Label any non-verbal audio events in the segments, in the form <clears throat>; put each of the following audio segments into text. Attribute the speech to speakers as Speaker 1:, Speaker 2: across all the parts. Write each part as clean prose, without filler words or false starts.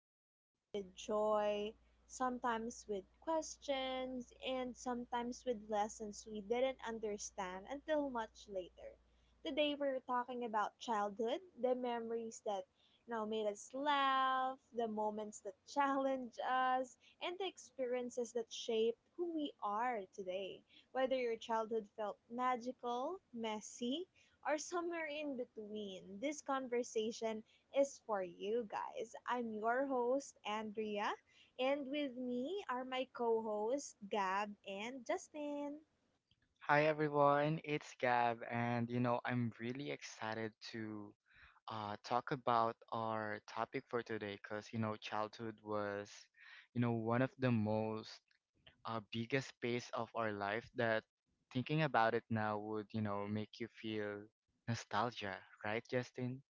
Speaker 1: sometimes with joy, sometimes with questions, and sometimes with lessons we didn't understand until much later. Today we're talking about childhood, the memories that made us laugh, the moments that <laughs> challenge us, and the experiences that shaped who we are today. Whether your childhood felt magical, messy, or somewhere in between. This conversation is for you guys. I'm your host, Andrea, and with me are my co hosts, Gab and Justin.
Speaker 2: Hi everyone, it's Gab, and I'm really excited to talk about our topic for today because childhood was, one of the most biggest phase of our life that thinking about it now would, make you feel nostalgia, right, Justin?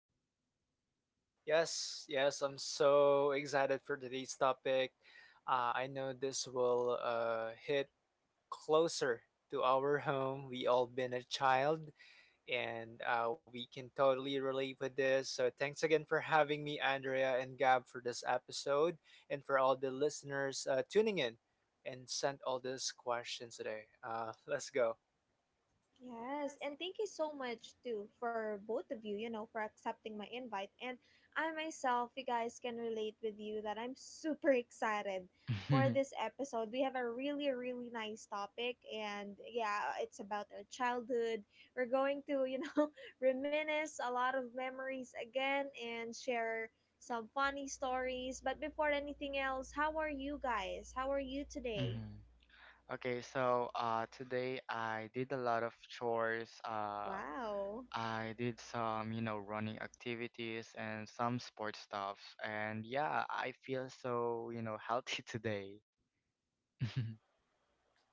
Speaker 3: Yes, yes, I'm so excited for today's topic. I know this will hit closer to our <laughs> home. We all been a child, and we can totally relate with this. So thanks again for having me, Andrea and Gab, for this episode, and for all the listeners tuning in and sent all these questions today. Let's go.
Speaker 1: Yes, and thank you so much too for both of you, for accepting my invite. And I myself, you guys can relate with you that I'm super excited
Speaker 2: <laughs>
Speaker 1: for
Speaker 2: hmm
Speaker 1: this episode. We have a really, really nice topic, and yeah, it's about our childhood. We're going to, <laughs> reminisce a lot of memories again and share some funny stories. But before anything else, how are you guys? How are you today?
Speaker 2: Okay, so today I did a lot of chores.
Speaker 1: Wow.
Speaker 2: I did some, running activities and some sport stuff. And yeah, I feel so, healthy today.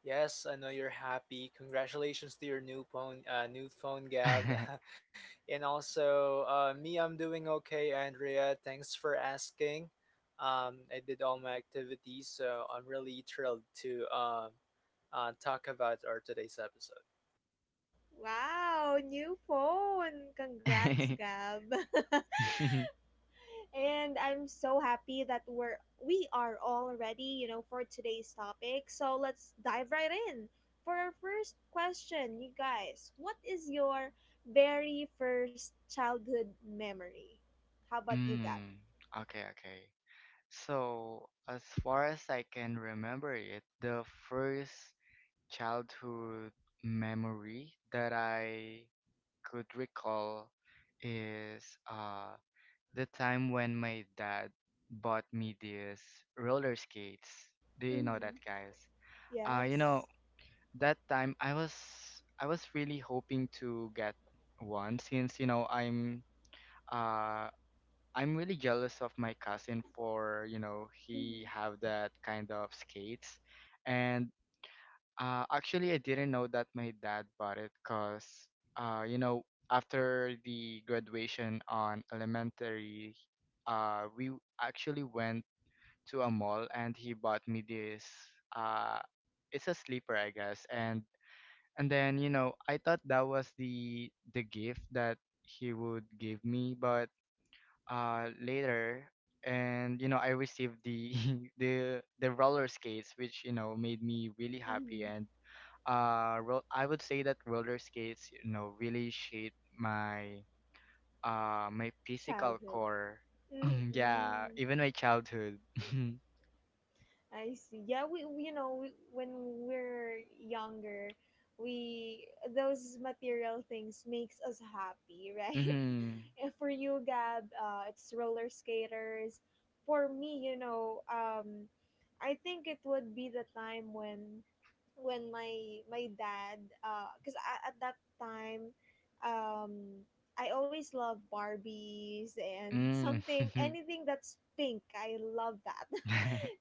Speaker 3: Yes, I know you're happy. Congratulations to your new phone, Gab. <laughs> And also, me, I'm doing okay, Andrea. Thanks for asking. I did all my activities, so I'm really thrilled to talk about our today's episode.
Speaker 1: Wow, new phone. Congrats,
Speaker 2: <laughs>
Speaker 1: Gab. <laughs> And I'm so happy that we are all ready, for today's topic. So let's dive right in. For our first question, you guys, what is your very first childhood memory? How about you, Gab?
Speaker 2: Mm, okay, okay. So, as far as I can remember it, the first childhood memory that I could recall is uh the time when my dad bought me these roller skates. Do you know that,
Speaker 1: Mhm.
Speaker 2: guys? Uh, you know,
Speaker 1: Yes.
Speaker 2: that time I was really hoping to get one since, uh I'm really jealous of my cousin for,
Speaker 1: Mhm.
Speaker 2: he have that kind of skates. And actually, I didn't know that my dad bought it because, uh, you know, after the graduation on elementary, we actually went to a mall and he bought me this. Uh, it's a sleeper, I guess, and then I thought that was the gift that he would give me, but later. And I received the <laughs> the roller skates, which made me really happy,
Speaker 1: Mhm.
Speaker 2: and I would say that roller skates really shaped my my physical
Speaker 1: Childhood.
Speaker 2: core <laughs> <clears throat> yeah,
Speaker 1: Mhm.
Speaker 2: even my childhood. <laughs>
Speaker 1: I see. Yeah, we, when we're younger, we those material things makes us happy, right? <laughs>
Speaker 2: Mm-hmm.
Speaker 1: And for you, Gab, it's roller skaters. For me, I think it would be the time when my dad, because I at that time, um I always love barbies, and <laughs>
Speaker 2: Mm.
Speaker 1: something,
Speaker 2: <laughs>
Speaker 1: anything that's pink, I love that.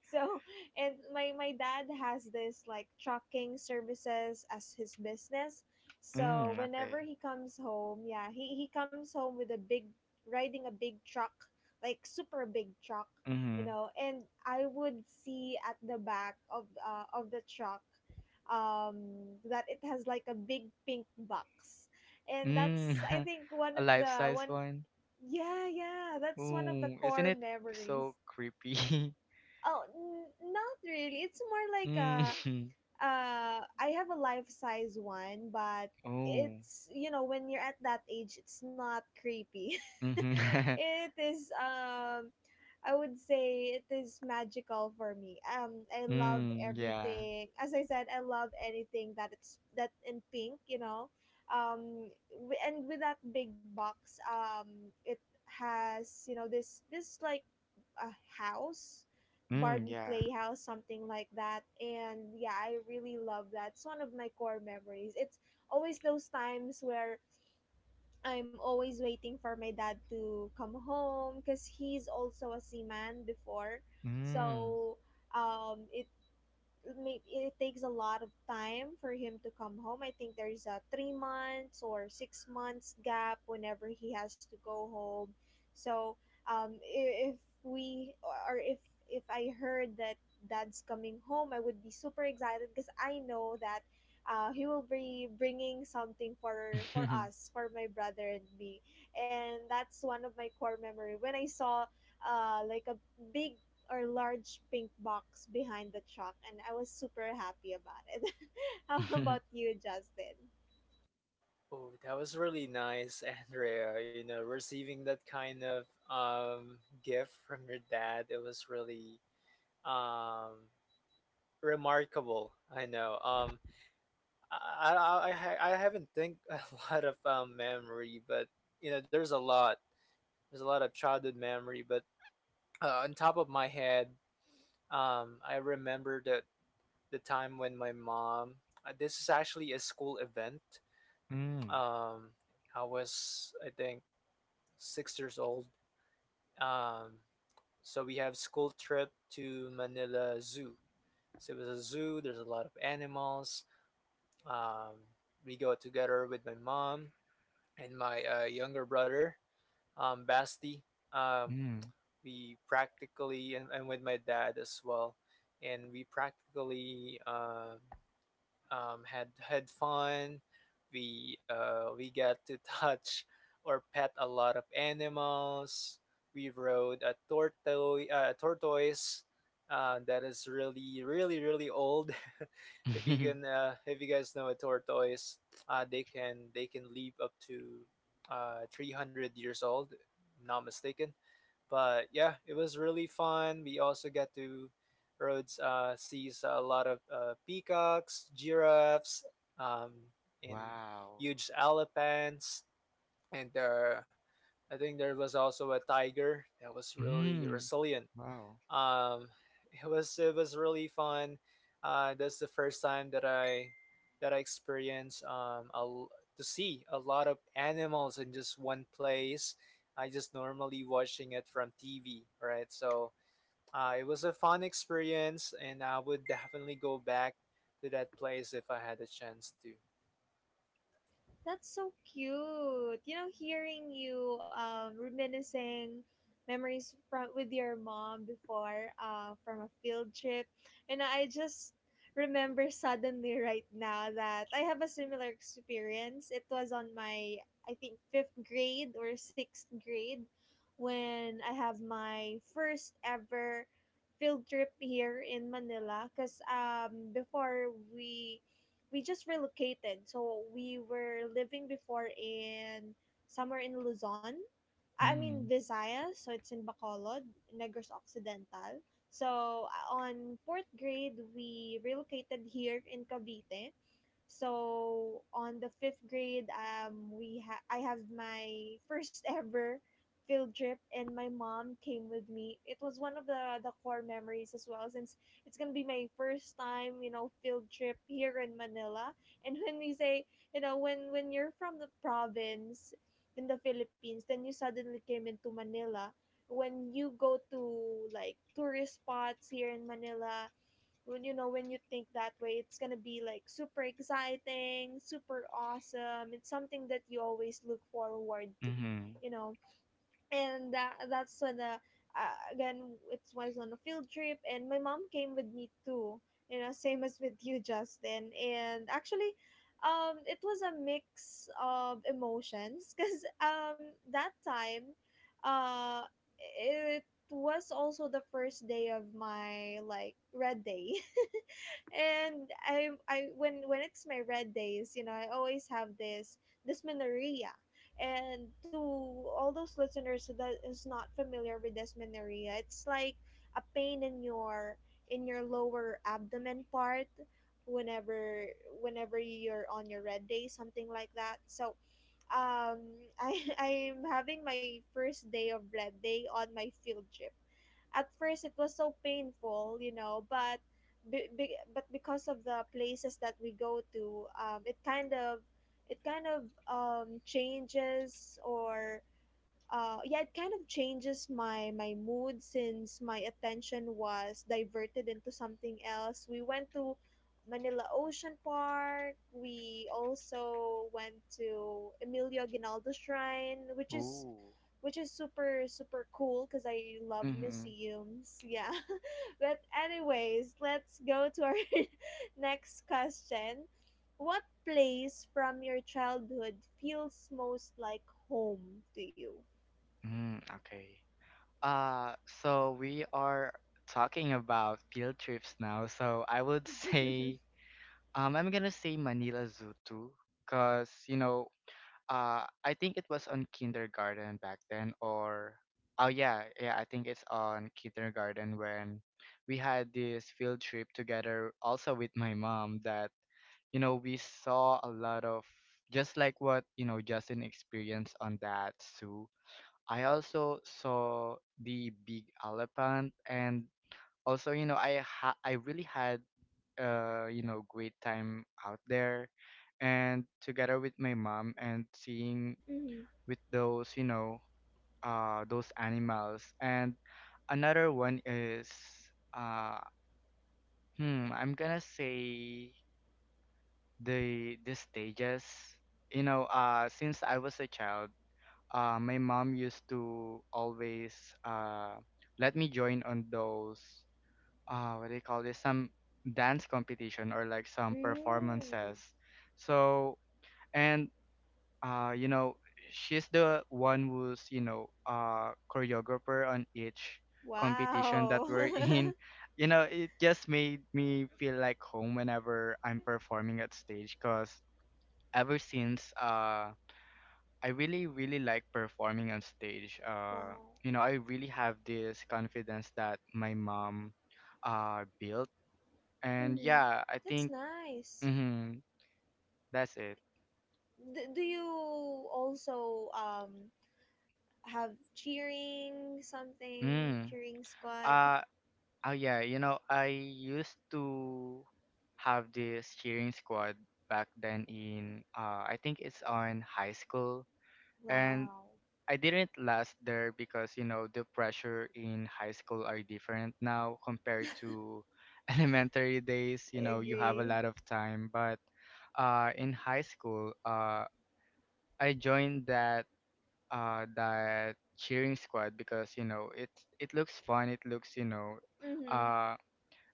Speaker 1: So, and my dad has this like trucking services as his business. So
Speaker 2: Mm, okay.
Speaker 1: whenever he comes home, yeah, he comes home with a big, riding a big truck, like super big truck, you
Speaker 2: Mm-hmm.
Speaker 1: know. And I would see at the back of the truck, um that it has like a big pink box. And
Speaker 2: Mm.
Speaker 1: that's I
Speaker 2: <laughs>
Speaker 1: think one
Speaker 2: A
Speaker 1: of the one.
Speaker 2: life-size one.
Speaker 1: Yeah, yeah, that's one of the
Speaker 2: Ooh, isn't
Speaker 1: core
Speaker 2: it
Speaker 1: memories.
Speaker 2: so creepy?
Speaker 1: Oh, not really. It's more
Speaker 2: <laughs>
Speaker 1: like a,
Speaker 2: Mm. <laughs>
Speaker 1: I have a life-size one, but
Speaker 2: Oh.
Speaker 1: it's, you know, when you're at that age, it's not creepy. <laughs>
Speaker 2: Mm-hmm.
Speaker 1: It is, I would say it is magical for me. Um, I
Speaker 2: <laughs>
Speaker 1: love
Speaker 2: Mm, yeah.
Speaker 1: everything. As I said, I love anything that it's that in pink, you know. Um, and with that big box, um, it has, you know, this like a house,
Speaker 2: Mm,
Speaker 1: Barbie
Speaker 2: yeah.
Speaker 1: Playhouse, something like that. And yeah, I really love that. It's one of my core memories. It's always those times where I'm always waiting for my dad to come home because he's also a seaman before.
Speaker 2: Mm.
Speaker 1: So, it maybe it takes a lot of time for him to come home. I think there's a 3 months or 6 months gap whenever he has to go home. So, if we or if I heard that dad's coming home, I would be super excited because I know that he will be bringing something for us, for my brother and me. And that's one of my core memory when I saw like a big or large pink box behind the truck, and I was super happy about it. <laughs> How about
Speaker 2: <laughs>
Speaker 1: you, Justin?
Speaker 3: Oh, that was really nice, <laughs> Andrea. You know, receiving that kind of gift from your dad, it was really um remarkable. I know. I I haven't think <laughs> a lot of memory, but you know, there's a lot. There's a lot of childhood memory, but On top of my head, I remember that the time when my mom. This is actually a school event.
Speaker 2: Mm,
Speaker 3: Um, I was I think 6 years old. Um, so we have school trip to Manila Zoo. So it was a zoo. There's a lot of animals. Um, we go together with my mom and my younger brother, Basti. Um,
Speaker 2: mm.
Speaker 3: we practically and With my dad as well, and we practically had fun. We got to <laughs> touch or pet a lot of animals. We rode a tortoise that is really really really old. <laughs> If you can,
Speaker 2: <laughs>
Speaker 3: if you guys know a tortoise, they can live up to 300 years old, if I'm not mistaken. But yeah, it was really fun. We also get to roads sees a lot of peacocks, giraffes, um, and
Speaker 2: Wow.
Speaker 3: huge elephants, and there. I think there was also a tiger that was really
Speaker 2: Mm.
Speaker 3: resilient.
Speaker 2: Wow.
Speaker 3: um it was it was really fun. That's the first time that I experienced to see a lot of animals in just one place. I just normally watching it from TV, right? So it was a fun experience, and I would definitely go back to that place if I had a chance to.
Speaker 1: That's so cute. You know, hearing you reminiscing memories from with your mom before from a field trip, and I just remember suddenly right now that I have a similar experience. It was on my, I think, fifth grade or sixth grade, when I have my first ever field trip here in Manila. Cause um, before we we just relocated. So we were living before in somewhere in Luzon. I mean
Speaker 2: Mm.
Speaker 1: Visayas, so it's in Bacolod, Negros Occidental. So on fourth grade, we relocated here in Cavite. So on the fifth grade, I have my first <laughs> ever field trip, and my mom came with me. It was one of the core memories as well, since it's gonna be my first time, you know, field trip here in Manila. And when we say, you know, when you're from the province in the Philippines, then you suddenly came into Manila. When you go to like tourist spots here in Manila, when you know, when you think that way, it's gonna be like super exciting, super awesome, it's something that you always look forward to,
Speaker 2: Mhm.
Speaker 1: you know. And that's when the, again, it was on a field trip and my mom came with me too, you know, same as with you, Justin. And actually, um, it was a mix of emotions because um, that time, uh, it was also the first day of my like red day. And I, when it's my red days, you know, I always have this dysmenorrhea. And to all those listeners who that is not familiar with dysmenorrhea, it's like a pain in your, in your lower abdomen part whenever, you're on your red day, something like that. So, um, I <laughs> I'm having my first day of red day on my field trip. At first it was so painful, you know, but but because of the places that we go to, it kind of, changes or, yeah, it kind of changes my my mood since my attention was diverted into something else. We went to Manila Ocean Park. We also went to Emilio Aguinaldo Shrine, which is
Speaker 2: Ooh.
Speaker 1: super super cool because I love
Speaker 2: Mhm.
Speaker 1: museums. Yeah. <laughs> But anyways, let's go to our <laughs> next question. What place from your childhood feels most like home to you?
Speaker 2: Mm, okay. Uh, so we are talking about field trips now. So I would <laughs>
Speaker 1: <laughs>
Speaker 2: say, I'm gonna say Manila Zoo too, cause I think it was on kindergarten back then, or oh yeah, yeah, I think it's on kindergarten when we had this field trip together, also with my mom that we saw a lot of just like what, Justin experienced on that zoo. I also saw the big elephant, and also, I really had great time out there and together with my mom and seeing
Speaker 1: Mhm.
Speaker 2: with those, those animals. And another one is uh I'm gonna say the stages. Since I was a child, my mom used to always uh, let me join on those what do you call this? Some dance competition or like some performances.
Speaker 1: Mm.
Speaker 2: So and uh, you know, she's the one who's choreographer on each competition that
Speaker 1: Wow.
Speaker 2: we're
Speaker 1: <laughs>
Speaker 2: in. <laughs> It just made me feel like home whenever I'm performing at stage, cause ever since I really really like performing on stage.
Speaker 1: Wow.
Speaker 2: I really have this confidence that my mom built. And
Speaker 1: Mhm.
Speaker 2: yeah, I
Speaker 1: That's
Speaker 2: think,
Speaker 1: nice.
Speaker 2: mhm, that's it.
Speaker 1: Do you also, um, have cheering something,
Speaker 2: Mm.
Speaker 1: cheering squad?
Speaker 2: Uh oh yeah, I used to have this cheering squad back then in I think it's on high school, and
Speaker 1: Wow.
Speaker 2: I didn't last there because the pressure in high school are different now compared to <laughs> elementary days.
Speaker 1: I
Speaker 2: You have a
Speaker 1: agree.
Speaker 2: lot of time, but in high school, I joined that that cheering squad because it looks fun. It looks,
Speaker 1: Mhm.
Speaker 2: uh,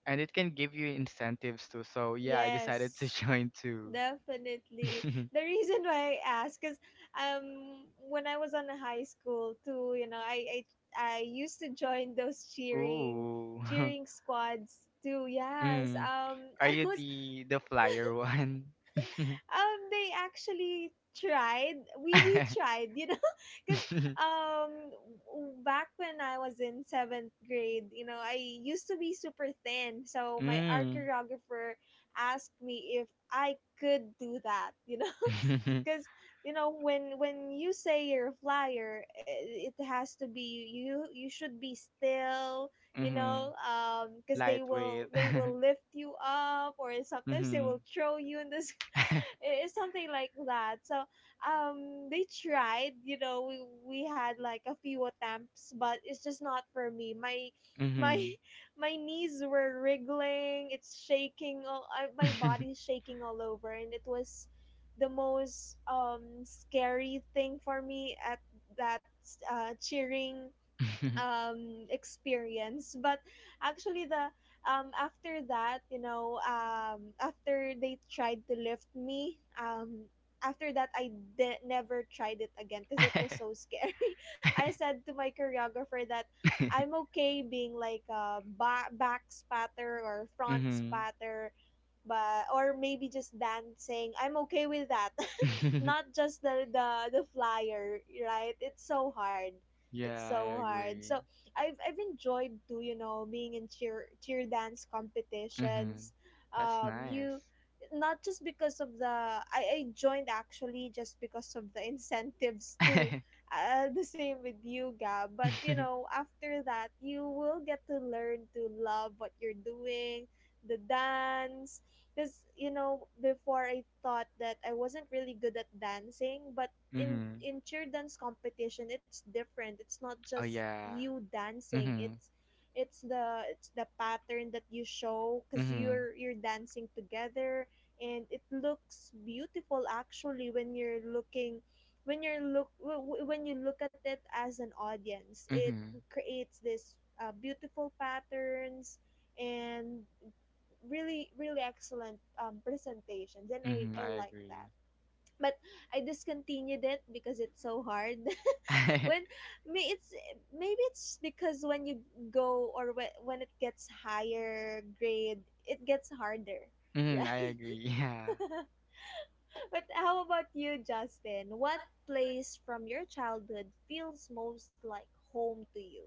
Speaker 2: and it can give you incentives too. So yeah, I decided to <laughs>
Speaker 1: Yes.
Speaker 2: join too.
Speaker 1: Definitely.
Speaker 2: <laughs>
Speaker 1: The reason why I ask is um, when I was on a high school too, you know, I used to join those
Speaker 2: Ooh,
Speaker 1: cheering squads too.
Speaker 2: <laughs>
Speaker 1: Yes.
Speaker 2: mm.
Speaker 1: Um, <laughs>
Speaker 2: Are
Speaker 1: I
Speaker 2: you
Speaker 1: was,
Speaker 2: the flyer one? <laughs>
Speaker 1: um, they actually tried, we
Speaker 2: <laughs>
Speaker 1: tried, you know, <laughs> because um, back when I was in seventh grade, you know, I used to be super thin. So my, our
Speaker 2: Mm.
Speaker 1: choreographer asked me if I could do that, you know,
Speaker 2: <laughs>
Speaker 1: because you know, when you say you're a flyer, it has to be, you should be still, you
Speaker 2: Mhm.
Speaker 1: know, um, because they
Speaker 2: Lightweight.
Speaker 1: will,
Speaker 2: <laughs>
Speaker 1: lift you up, or sometimes they will
Speaker 2: Mhm.
Speaker 1: throw you in this, <laughs> it's something like that. So um, they tried, you know, we had like a few attempts, but it's just not for me. My
Speaker 2: Mhm.
Speaker 1: <laughs> my knees were wriggling, it's shaking all, I, my body's shaking all over, and it was the most scary thing for me at that uh, cheering,
Speaker 2: Mhm.
Speaker 1: um, experience. But actually the, um, after that, you know, um, after they tried to lift me, um, after that, I never tried it again because it was so scary. <laughs> I
Speaker 2: <laughs>
Speaker 1: said
Speaker 2: <laughs>
Speaker 1: to my choreographer that I'm okay being like a back spatter or front spatter, but or maybe just dancing, I'm okay with that. <laughs>
Speaker 2: <laughs>
Speaker 1: Not just the the flyer, right? It's so hard, it's
Speaker 2: Yeah, I
Speaker 1: so hard. So
Speaker 2: agree.
Speaker 1: I've enjoyed too, you know, being in cheer dance competitions.
Speaker 2: Mhm. That's
Speaker 1: You
Speaker 2: nice.
Speaker 1: not just because of the, I joined actually just because of the <laughs> incentives too.
Speaker 2: <laughs>
Speaker 1: The same with you, Gab. But you know, after that, you will get to learn to love what you're doing, the dance. Because you know, before I thought that I wasn't really good at dancing, but in
Speaker 2: Mhm.
Speaker 1: cheer dance competition, it's different. It's not
Speaker 2: Oh
Speaker 1: just
Speaker 2: yeah.
Speaker 1: you dancing,
Speaker 2: Mhm.
Speaker 1: it's the pattern that you show because
Speaker 2: Mhm.
Speaker 1: you're dancing together, and it looks beautiful actually when you're looking when you're look when you look at it as an audience, it
Speaker 2: Mhm.
Speaker 1: creates this beautiful patterns, and really really excellent presentations, and
Speaker 2: Mhm.
Speaker 1: I
Speaker 2: I
Speaker 1: like that.
Speaker 2: agree.
Speaker 1: But I discontinued it because it's so hard. <laughs> when
Speaker 2: <laughs>
Speaker 1: may it's maybe it's because when you go, or when it gets higher grade, it gets harder, <laughs>
Speaker 2: Mhm. I
Speaker 1: right?
Speaker 2: agree. Yeah.
Speaker 1: <laughs> But how about you, Justin? What place from your childhood feels most like home to you?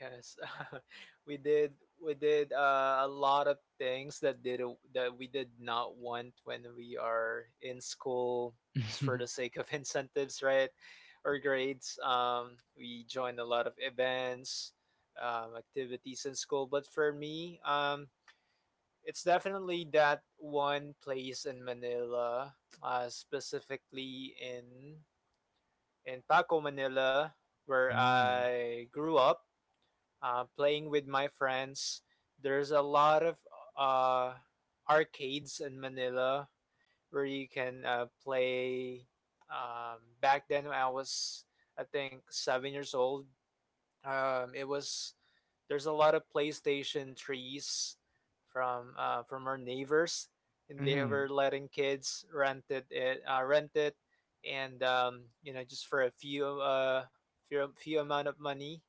Speaker 3: Yes, <laughs> we did. We did a lot of things that did that we did not want when we are in school, just for the
Speaker 2: <laughs>
Speaker 3: sake of <laughs> incentives, right, or grades. We joined a lot of events, activities in school. But for me, it's definitely that one place in Manila, specifically in Paco, Manila, where
Speaker 2: Mhm.
Speaker 3: I grew up playing with my friends. There's a lot of uh, arcades in Manila where you can play. Back then, when I was, I think, 7 years old, it was there's a lot of PlayStation trees from our neighbors, and they
Speaker 2: Mhm.
Speaker 3: were letting kids rent it, and you know, just for a few amount of money,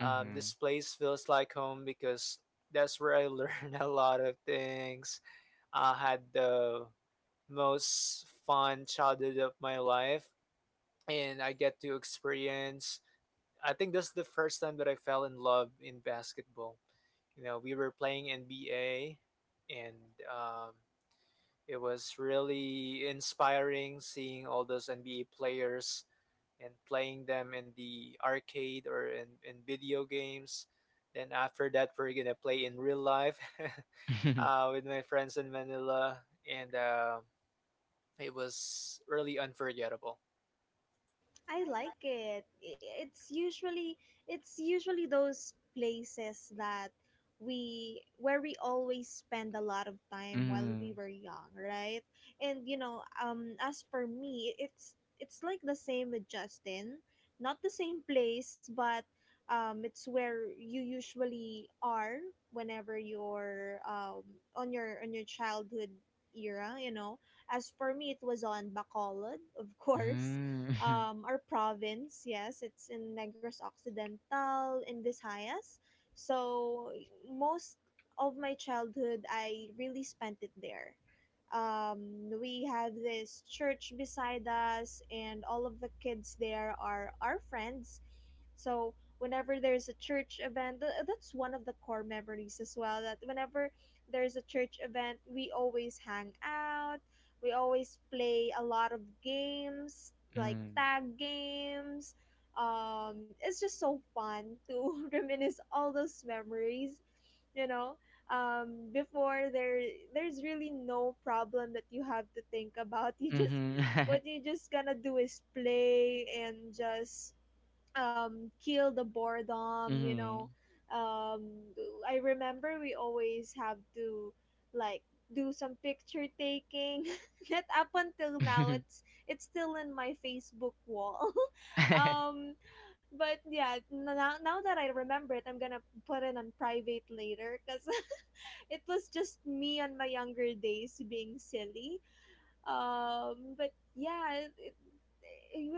Speaker 3: this place feels like home because that's where I learned <laughs> a lot of things. I had the most fun childhood of my life, and I get to experience. I think that's the first time that I fell in love in basketball. You know, we were playing NBA, and um, it was really inspiring seeing all those NBA players and playing them in the arcade or in video games. Then after that, we're gonna play in real life <laughs> with my friends in Manila, and it was really unforgettable.
Speaker 1: I like it. It's usually those places that we where we always spend a lot of time while we
Speaker 2: Mhm.
Speaker 1: were
Speaker 2: <laughs>
Speaker 1: young, right? And you know, um, as for me, it's like the same with Justin. Not the same place, but um, it's where you usually are whenever you're um, on your childhood era, you know. As for me, it was on Bacolod, of course.
Speaker 2: Mm. <laughs>
Speaker 1: Um, our province. Yes, it's in Negros Occidental in Visayas. So most of my childhood, I really spent it there. We have this church beside us, and all of the kids there are our friends. So whenever there's a church event, that's one of the core memories as well. That whenever there's a church event, we always hang out, we always play a lot of games, like
Speaker 2: Mm.
Speaker 1: tag games. It's just so fun to <laughs> reminisce all those memories, you know. Before there, there's really no problem that you have to think about. <laughs> You just,
Speaker 2: Mhm.
Speaker 1: what you just gonna do is play and just kill the boredom.
Speaker 2: Mhm.
Speaker 1: um I remember we always have to, like, do some picture taking <laughs> that up until now it's still in my Facebook wall. <laughs> um but yeah, now that I remember it, I'm gonna put it on private later because <laughs> it was just me on my younger days being silly. But yeah,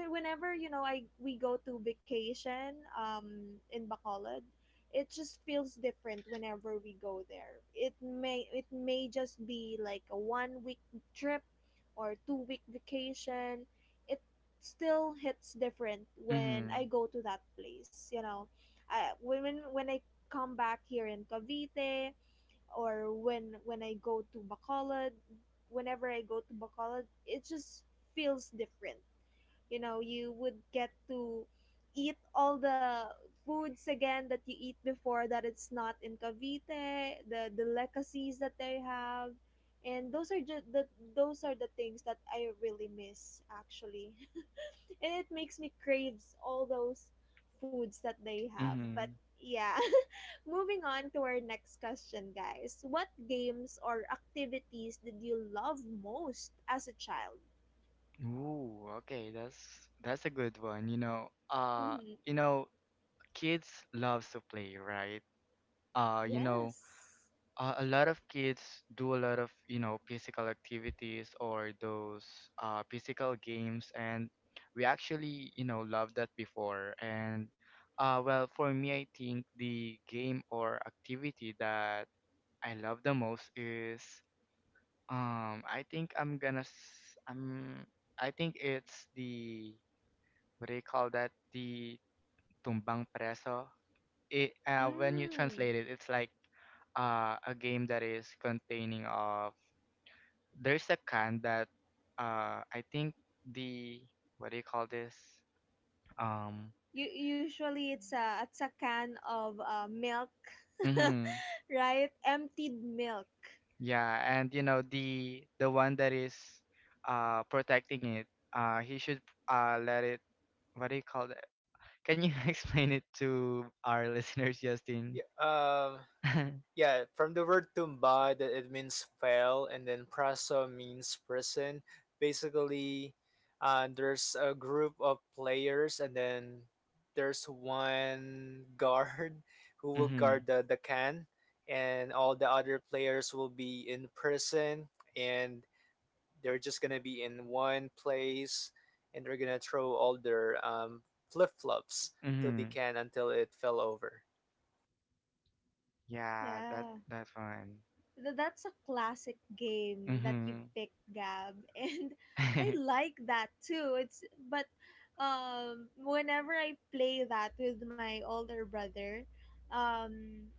Speaker 1: whenever I we go to vacation in Bacolod, it just feels different whenever we go there. It may just be like a 1 week trip or 2 week vacation. It still hits different
Speaker 2: Mhm.
Speaker 1: when
Speaker 2: Mhm.
Speaker 1: I
Speaker 2: <laughs>
Speaker 1: go to that place. You know, I when I come back here in Cavite, or when I go to Bacolod, whenever I go to Bacolod, it just feels different. You know, you would get to eat all the foods again that you eat before, that it's not in Cavite, the delicacies that they have. And those are the things that I really miss, actually. <laughs> And it makes me craves all those foods that they have. But yeah. <laughs> Moving on to our next question, guys: what games or activities did you love most as a child?
Speaker 2: Ooh, okay, that's a good one.
Speaker 1: Mm-hmm.
Speaker 2: You know, Kids loves to play, right? Uh, you know,
Speaker 1: Yes.
Speaker 2: a lot of kids do a lot of, physical activities or those physical games, and we actually, loved that before. And well, for me, I think the game or activity that I love the most is I think I'm gonna s- I'm I think it's the, what do you call that, the tumbang preso. It, when you
Speaker 1: Mm.
Speaker 2: translate it, it's like a game that is containing of there's a can that I think the, what do you call this, um
Speaker 1: You, usually it's a can of milk,
Speaker 2: mhm,
Speaker 1: <laughs> right? Emptied milk.
Speaker 2: yeah, and the one that is protecting it, he should let it, what do you call that? Can you <laughs> explain it to our listeners, Justin?
Speaker 3: Yeah,
Speaker 2: <laughs>
Speaker 3: um, Yeah, from the word tumba that it means fell, and then praso means prison. Basically, there's a group of players, and then there's one guard <laughs> who will
Speaker 2: Mm-hmm.
Speaker 3: guard the can, and all the other players will be in prison, and they're just gonna be in one place, and they're gonna throw all their flip flops to the
Speaker 2: Mm-hmm.
Speaker 3: can until it fell over.
Speaker 2: Yeah, that
Speaker 1: Yeah.
Speaker 2: that one.
Speaker 1: That's a classic game that you
Speaker 2: Mm-hmm.
Speaker 1: pick, Gab, <laughs> and I
Speaker 2: <laughs>
Speaker 1: like that too. It's, but whenever I play that with my older brother, um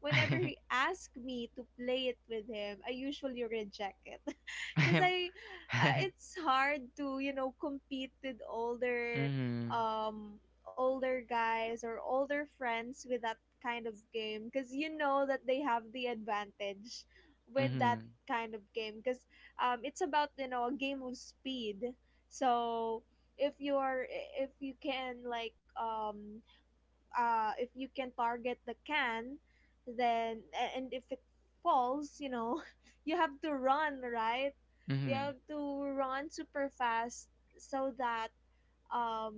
Speaker 1: whenever he asks me to play it with him, I usually reject it. <laughs> Because I, it's hard to, you know, compete with older,
Speaker 2: Mm-hmm.
Speaker 1: um, older guys or older friends with that kind of game. Because you know that they have the advantage with that
Speaker 2: Mm-hmm.
Speaker 1: kind of game. Because it's about, you know, a game of speed. So if you are, if you can like if you can target the can, then and if it falls, you know, <laughs> you have to run, right? You
Speaker 2: Mm-hmm.
Speaker 1: have to run super fast so that um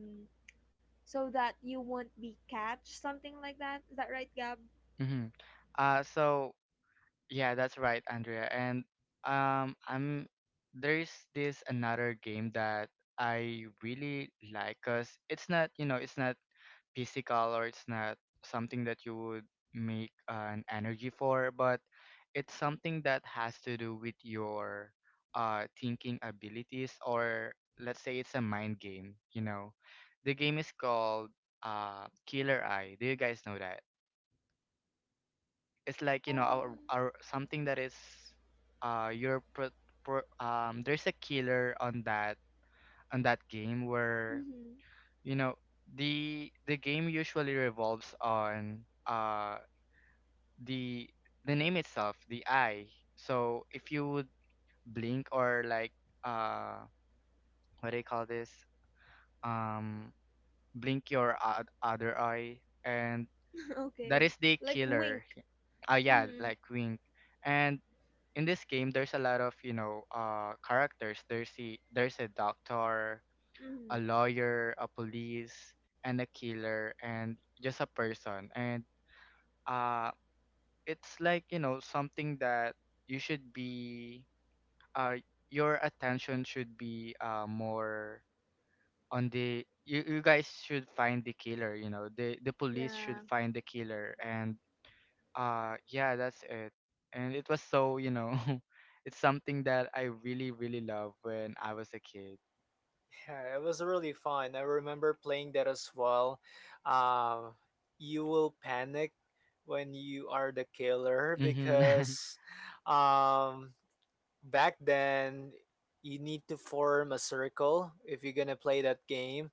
Speaker 1: so that you won't be catch, something like that. Is that right, Gab?
Speaker 2: Mm-hmm. So, yeah, that's right, Andrea. And I'm there's this another game that I really like because it's not, it's not physical, or it's not something that you would make an energy for, but it's something that has to do with your thinking abilities, or let's say it's a mind game. The game is called Killer Eye. Do you guys know that? It's like, our,
Speaker 1: um
Speaker 2: our something that is your there's a killer on that game where
Speaker 1: mhm.
Speaker 2: you know the game usually revolves on uh the the name itself, the eye, so if you would blink or like uh what do you call this, um blink your other eye, and
Speaker 1: <laughs>
Speaker 2: that
Speaker 1: Okay.
Speaker 2: is the
Speaker 1: Like wink.
Speaker 2: killer. Yeah,
Speaker 1: Mm-hmm.
Speaker 2: like wink. And in this game there's a lot of, characters, there's there's a doctor, a
Speaker 1: Mm-hmm.
Speaker 2: lawyer, a police, and a killer, and just a person, and uh it's like, something that you should be uh your attention should be more on you guys should find the killer, the police
Speaker 1: Yeah,
Speaker 2: should find the killer, and yeah, that's it. And it was so, <laughs> it's something that I really, really loved when I was a kid.
Speaker 3: Yeah, it was really fun. I remember playing that as well. Um, you will panic when you are the killer
Speaker 2: Mm-hmm. <laughs>
Speaker 3: because um, back then you need to form a circle if you're gonna play that game.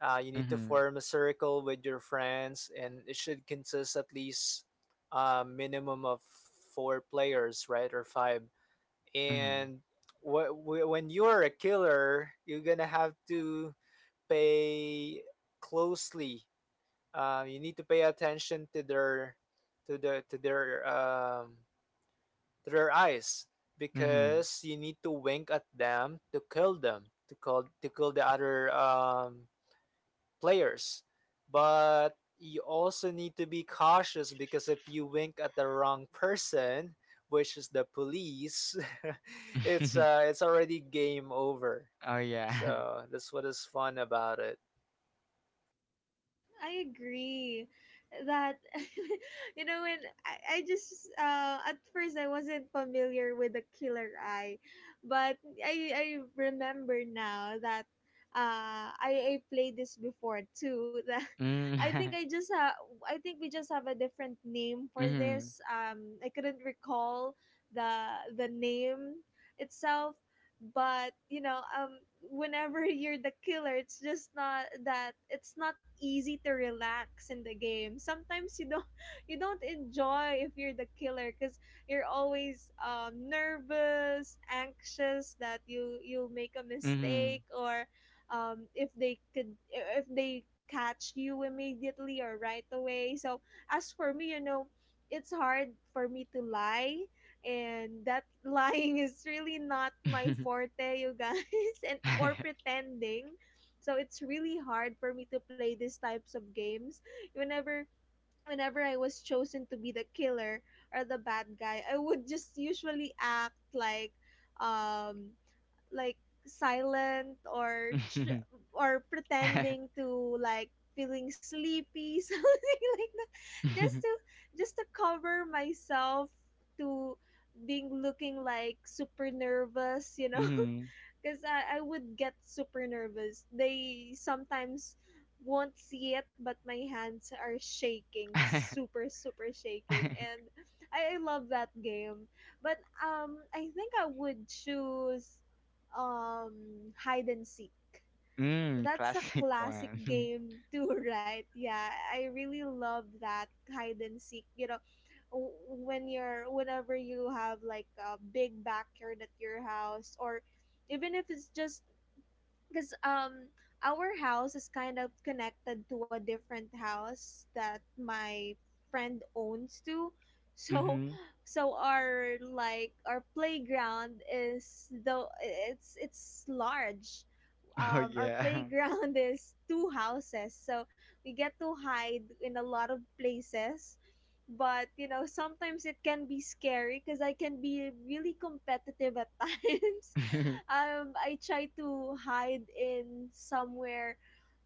Speaker 3: You need to
Speaker 2: Mm-hmm.
Speaker 3: form a circle with your friends, and it should consist at least a minimum of four players, right, or five.
Speaker 2: Mm-hmm.
Speaker 3: And when you are a killer, you're gonna have to pay closely. You need to pay attention to their to their eyes,
Speaker 2: Mm-hmm.
Speaker 3: because you need to wink at them to kill them, to kill the other players. But you also need to be cautious, because if you wink at the wrong <laughs> person, which is the police, <laughs>
Speaker 2: <laughs>
Speaker 3: it's already game over.
Speaker 2: Oh yeah. <laughs>
Speaker 3: So that's what is fun about it.
Speaker 1: I agree that <laughs> you know when I just, at first I wasn't familiar with the killer eye, but I remember now that I played this before too. <laughs> that
Speaker 2: Mm.
Speaker 1: I think I
Speaker 2: <laughs>
Speaker 1: just I think we just have a different name for
Speaker 2: Mm-hmm.
Speaker 1: this. I couldn't recall the the name itself. But you know, whenever you're the killer, it's just not that, it's not easy to relax in the game. Sometimes you don't <laughs> you don't enjoy if you're the killer, because you're always nervous, anxious that you you'll make a
Speaker 2: Mm-hmm.
Speaker 1: mistake, or if they could, if they catch you immediately or right away. So as for me, you know, it's hard for me to lie, and that <laughs> lying is really not my forte, you guys. <laughs> And, or pretending. So it's really hard for me to play these types of games. whenever Whenever I was chosen to be the killer or the bad guy, I would just usually act like um like silent,
Speaker 2: Mm-hmm.
Speaker 1: or pretending to like feeling sleepy, <laughs> something like that. Just to
Speaker 2: <laughs>
Speaker 1: just to cover myself, to being looking like super nervous, you know.
Speaker 2: Mm-hmm.
Speaker 1: Because I would get super nervous. They sometimes won't see it, but my hands are shaking,
Speaker 2: <laughs>
Speaker 1: super, super shaking. And I love that game. But I think I would choose hide and seek.
Speaker 2: Mm,
Speaker 1: That's a
Speaker 2: classic
Speaker 1: classic
Speaker 2: one. <laughs>
Speaker 1: game too, <laughs> right? Yeah, I really love that, hide and seek. You know, whenever you have like a big backyard at your house, or even if it's just, because our house is kind of connected to a different house that my friend owns too. <laughs> So,
Speaker 2: Mm-hmm.
Speaker 1: so our, like our playground, is though it's large.
Speaker 2: Oh
Speaker 1: Our
Speaker 2: yeah.
Speaker 1: playground <laughs> is two houses, so we get to hide in a lot of places. But you know, sometimes it can be scary because I can be really competitive at <laughs> times.
Speaker 2: <laughs>
Speaker 1: I try to hide in somewhere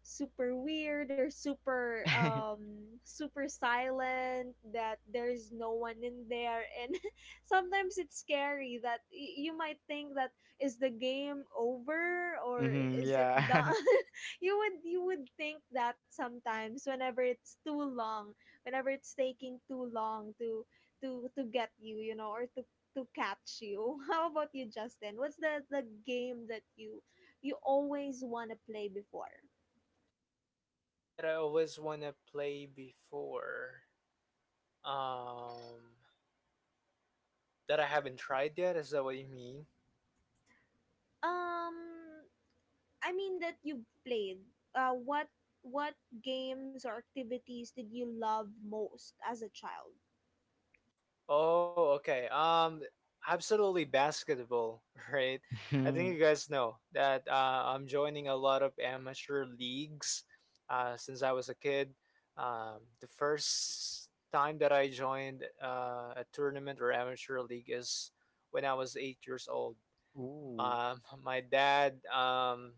Speaker 1: super weird, or super super silent, that there's no one in there. And <laughs> sometimes it's scary that you might think that, is the game over, or
Speaker 2: Mm-hmm.
Speaker 1: is it done?
Speaker 2: Yeah.
Speaker 1: <laughs> You would think that sometimes whenever it's too long, whenever it's taking too long to to get you, you know, or to catch you. <laughs> How about you, Justin? What's the game that you always want to play before?
Speaker 3: That I always want to play before. Um, that I haven't tried yet. Is that what you mean?
Speaker 1: Um, I mean that you've played. Uh, what what games or activities did you love most as a child?
Speaker 3: Oh, okay. Absolutely basketball, <laughs> right?
Speaker 2: <laughs>
Speaker 3: I think
Speaker 2: Mm-hmm.
Speaker 3: you guys know that I'm joining a lot of amateur leagues since I was a kid. The first time that I joined a tournament or amateur league is when I was 8 years old.
Speaker 2: Ooh.
Speaker 3: <laughs> My dad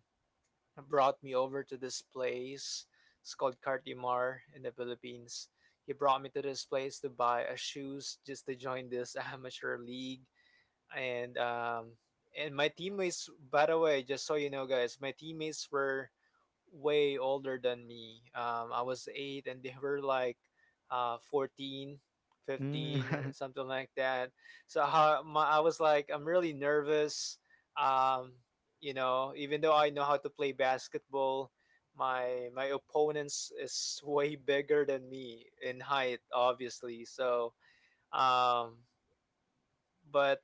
Speaker 3: brought me over to this place. It's called Cartimar in the Philippines. He brought me to this place to buy a shoes just to join this <laughs> amateur league. And um, and my teammates, by the way, just so you know, guys, my teammates were way older than me. I was eight and they were like 14, 15, or
Speaker 2: Mm. <laughs>
Speaker 3: something like that. So <laughs> I was like, I'm really nervous. Um, you know, even though I know how to play basketball, my opponents is <laughs> way bigger than me in height, obviously. So, um, but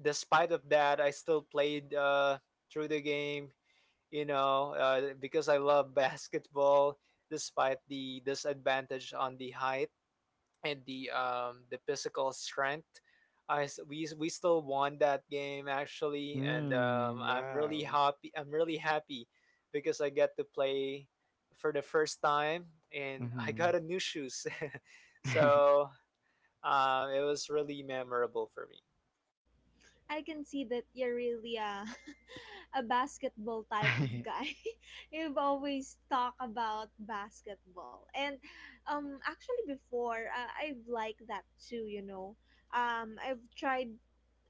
Speaker 3: despite of that, I still played through the game, you know, because I love <laughs> basketball despite the disadvantage on the height and the physical strength. I s- we still won that game actually, and
Speaker 2: Mm,
Speaker 3: I'm really
Speaker 2: wow.
Speaker 3: happy. I'm really happy because I get to play for the first time, and <laughs> I
Speaker 2: Mm-hmm.
Speaker 3: got a new shoes, <laughs> so it was really memorable for me.
Speaker 1: I can see that you're really a <laughs> a basketball type
Speaker 2: <laughs>
Speaker 1: of guy. <laughs> You've always talk about basketball. And actually before, I've liked that too. You know, um, I've tried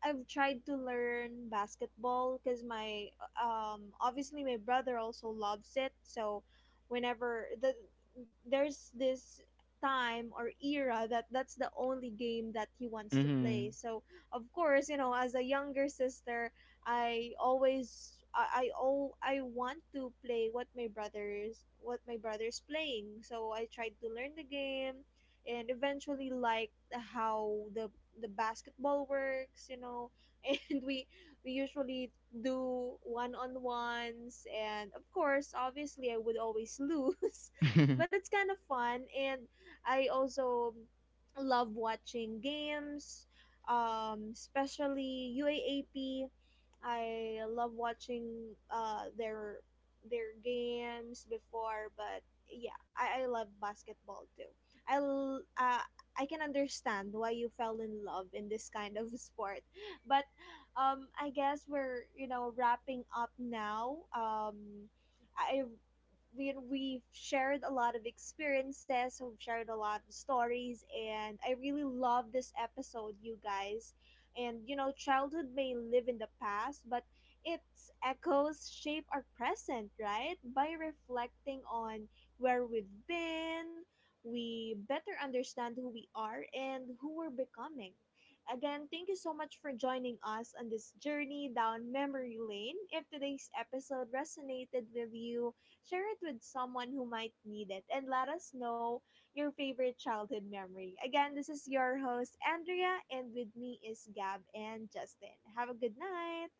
Speaker 1: I've tried to learn basketball because my, obviously my brother also loves it. So whenever the there's this time or era that that's the only game that he wants to
Speaker 2: Mm-hmm.
Speaker 1: play. So of course, you know, as a younger sister, I always I, al- I want to play what my brothers what my brother's playing. So I tried to learn the game, and eventually, like how the basketball works, you know. <laughs> And we usually do one-on-ones, and of course, obviously, I would always lose. <laughs> But
Speaker 2: <laughs>
Speaker 1: it's kind of fun. And I also love watching games, especially UAAP. I love watching uh their their games before. But yeah, I love basketball too. I'll I can understand why you fell in love in this kind of sport. But I guess we're, you know, wrapping up now. I we we've shared a lot of experiences, we've shared a lot of stories, and I really love this episode, you guys. And you know, childhood may live in the past, but its echoes shape our present, right? By reflecting on where we've been, we better understand who we are and who we're becoming. Again, thank you so much for joining us on this journey down memory lane. If today's episode resonated with you, share it with someone who might need it, and let us know your favorite childhood memory. Again, this is your host, Andrea, and with me is Gab and Justin. Have a good night.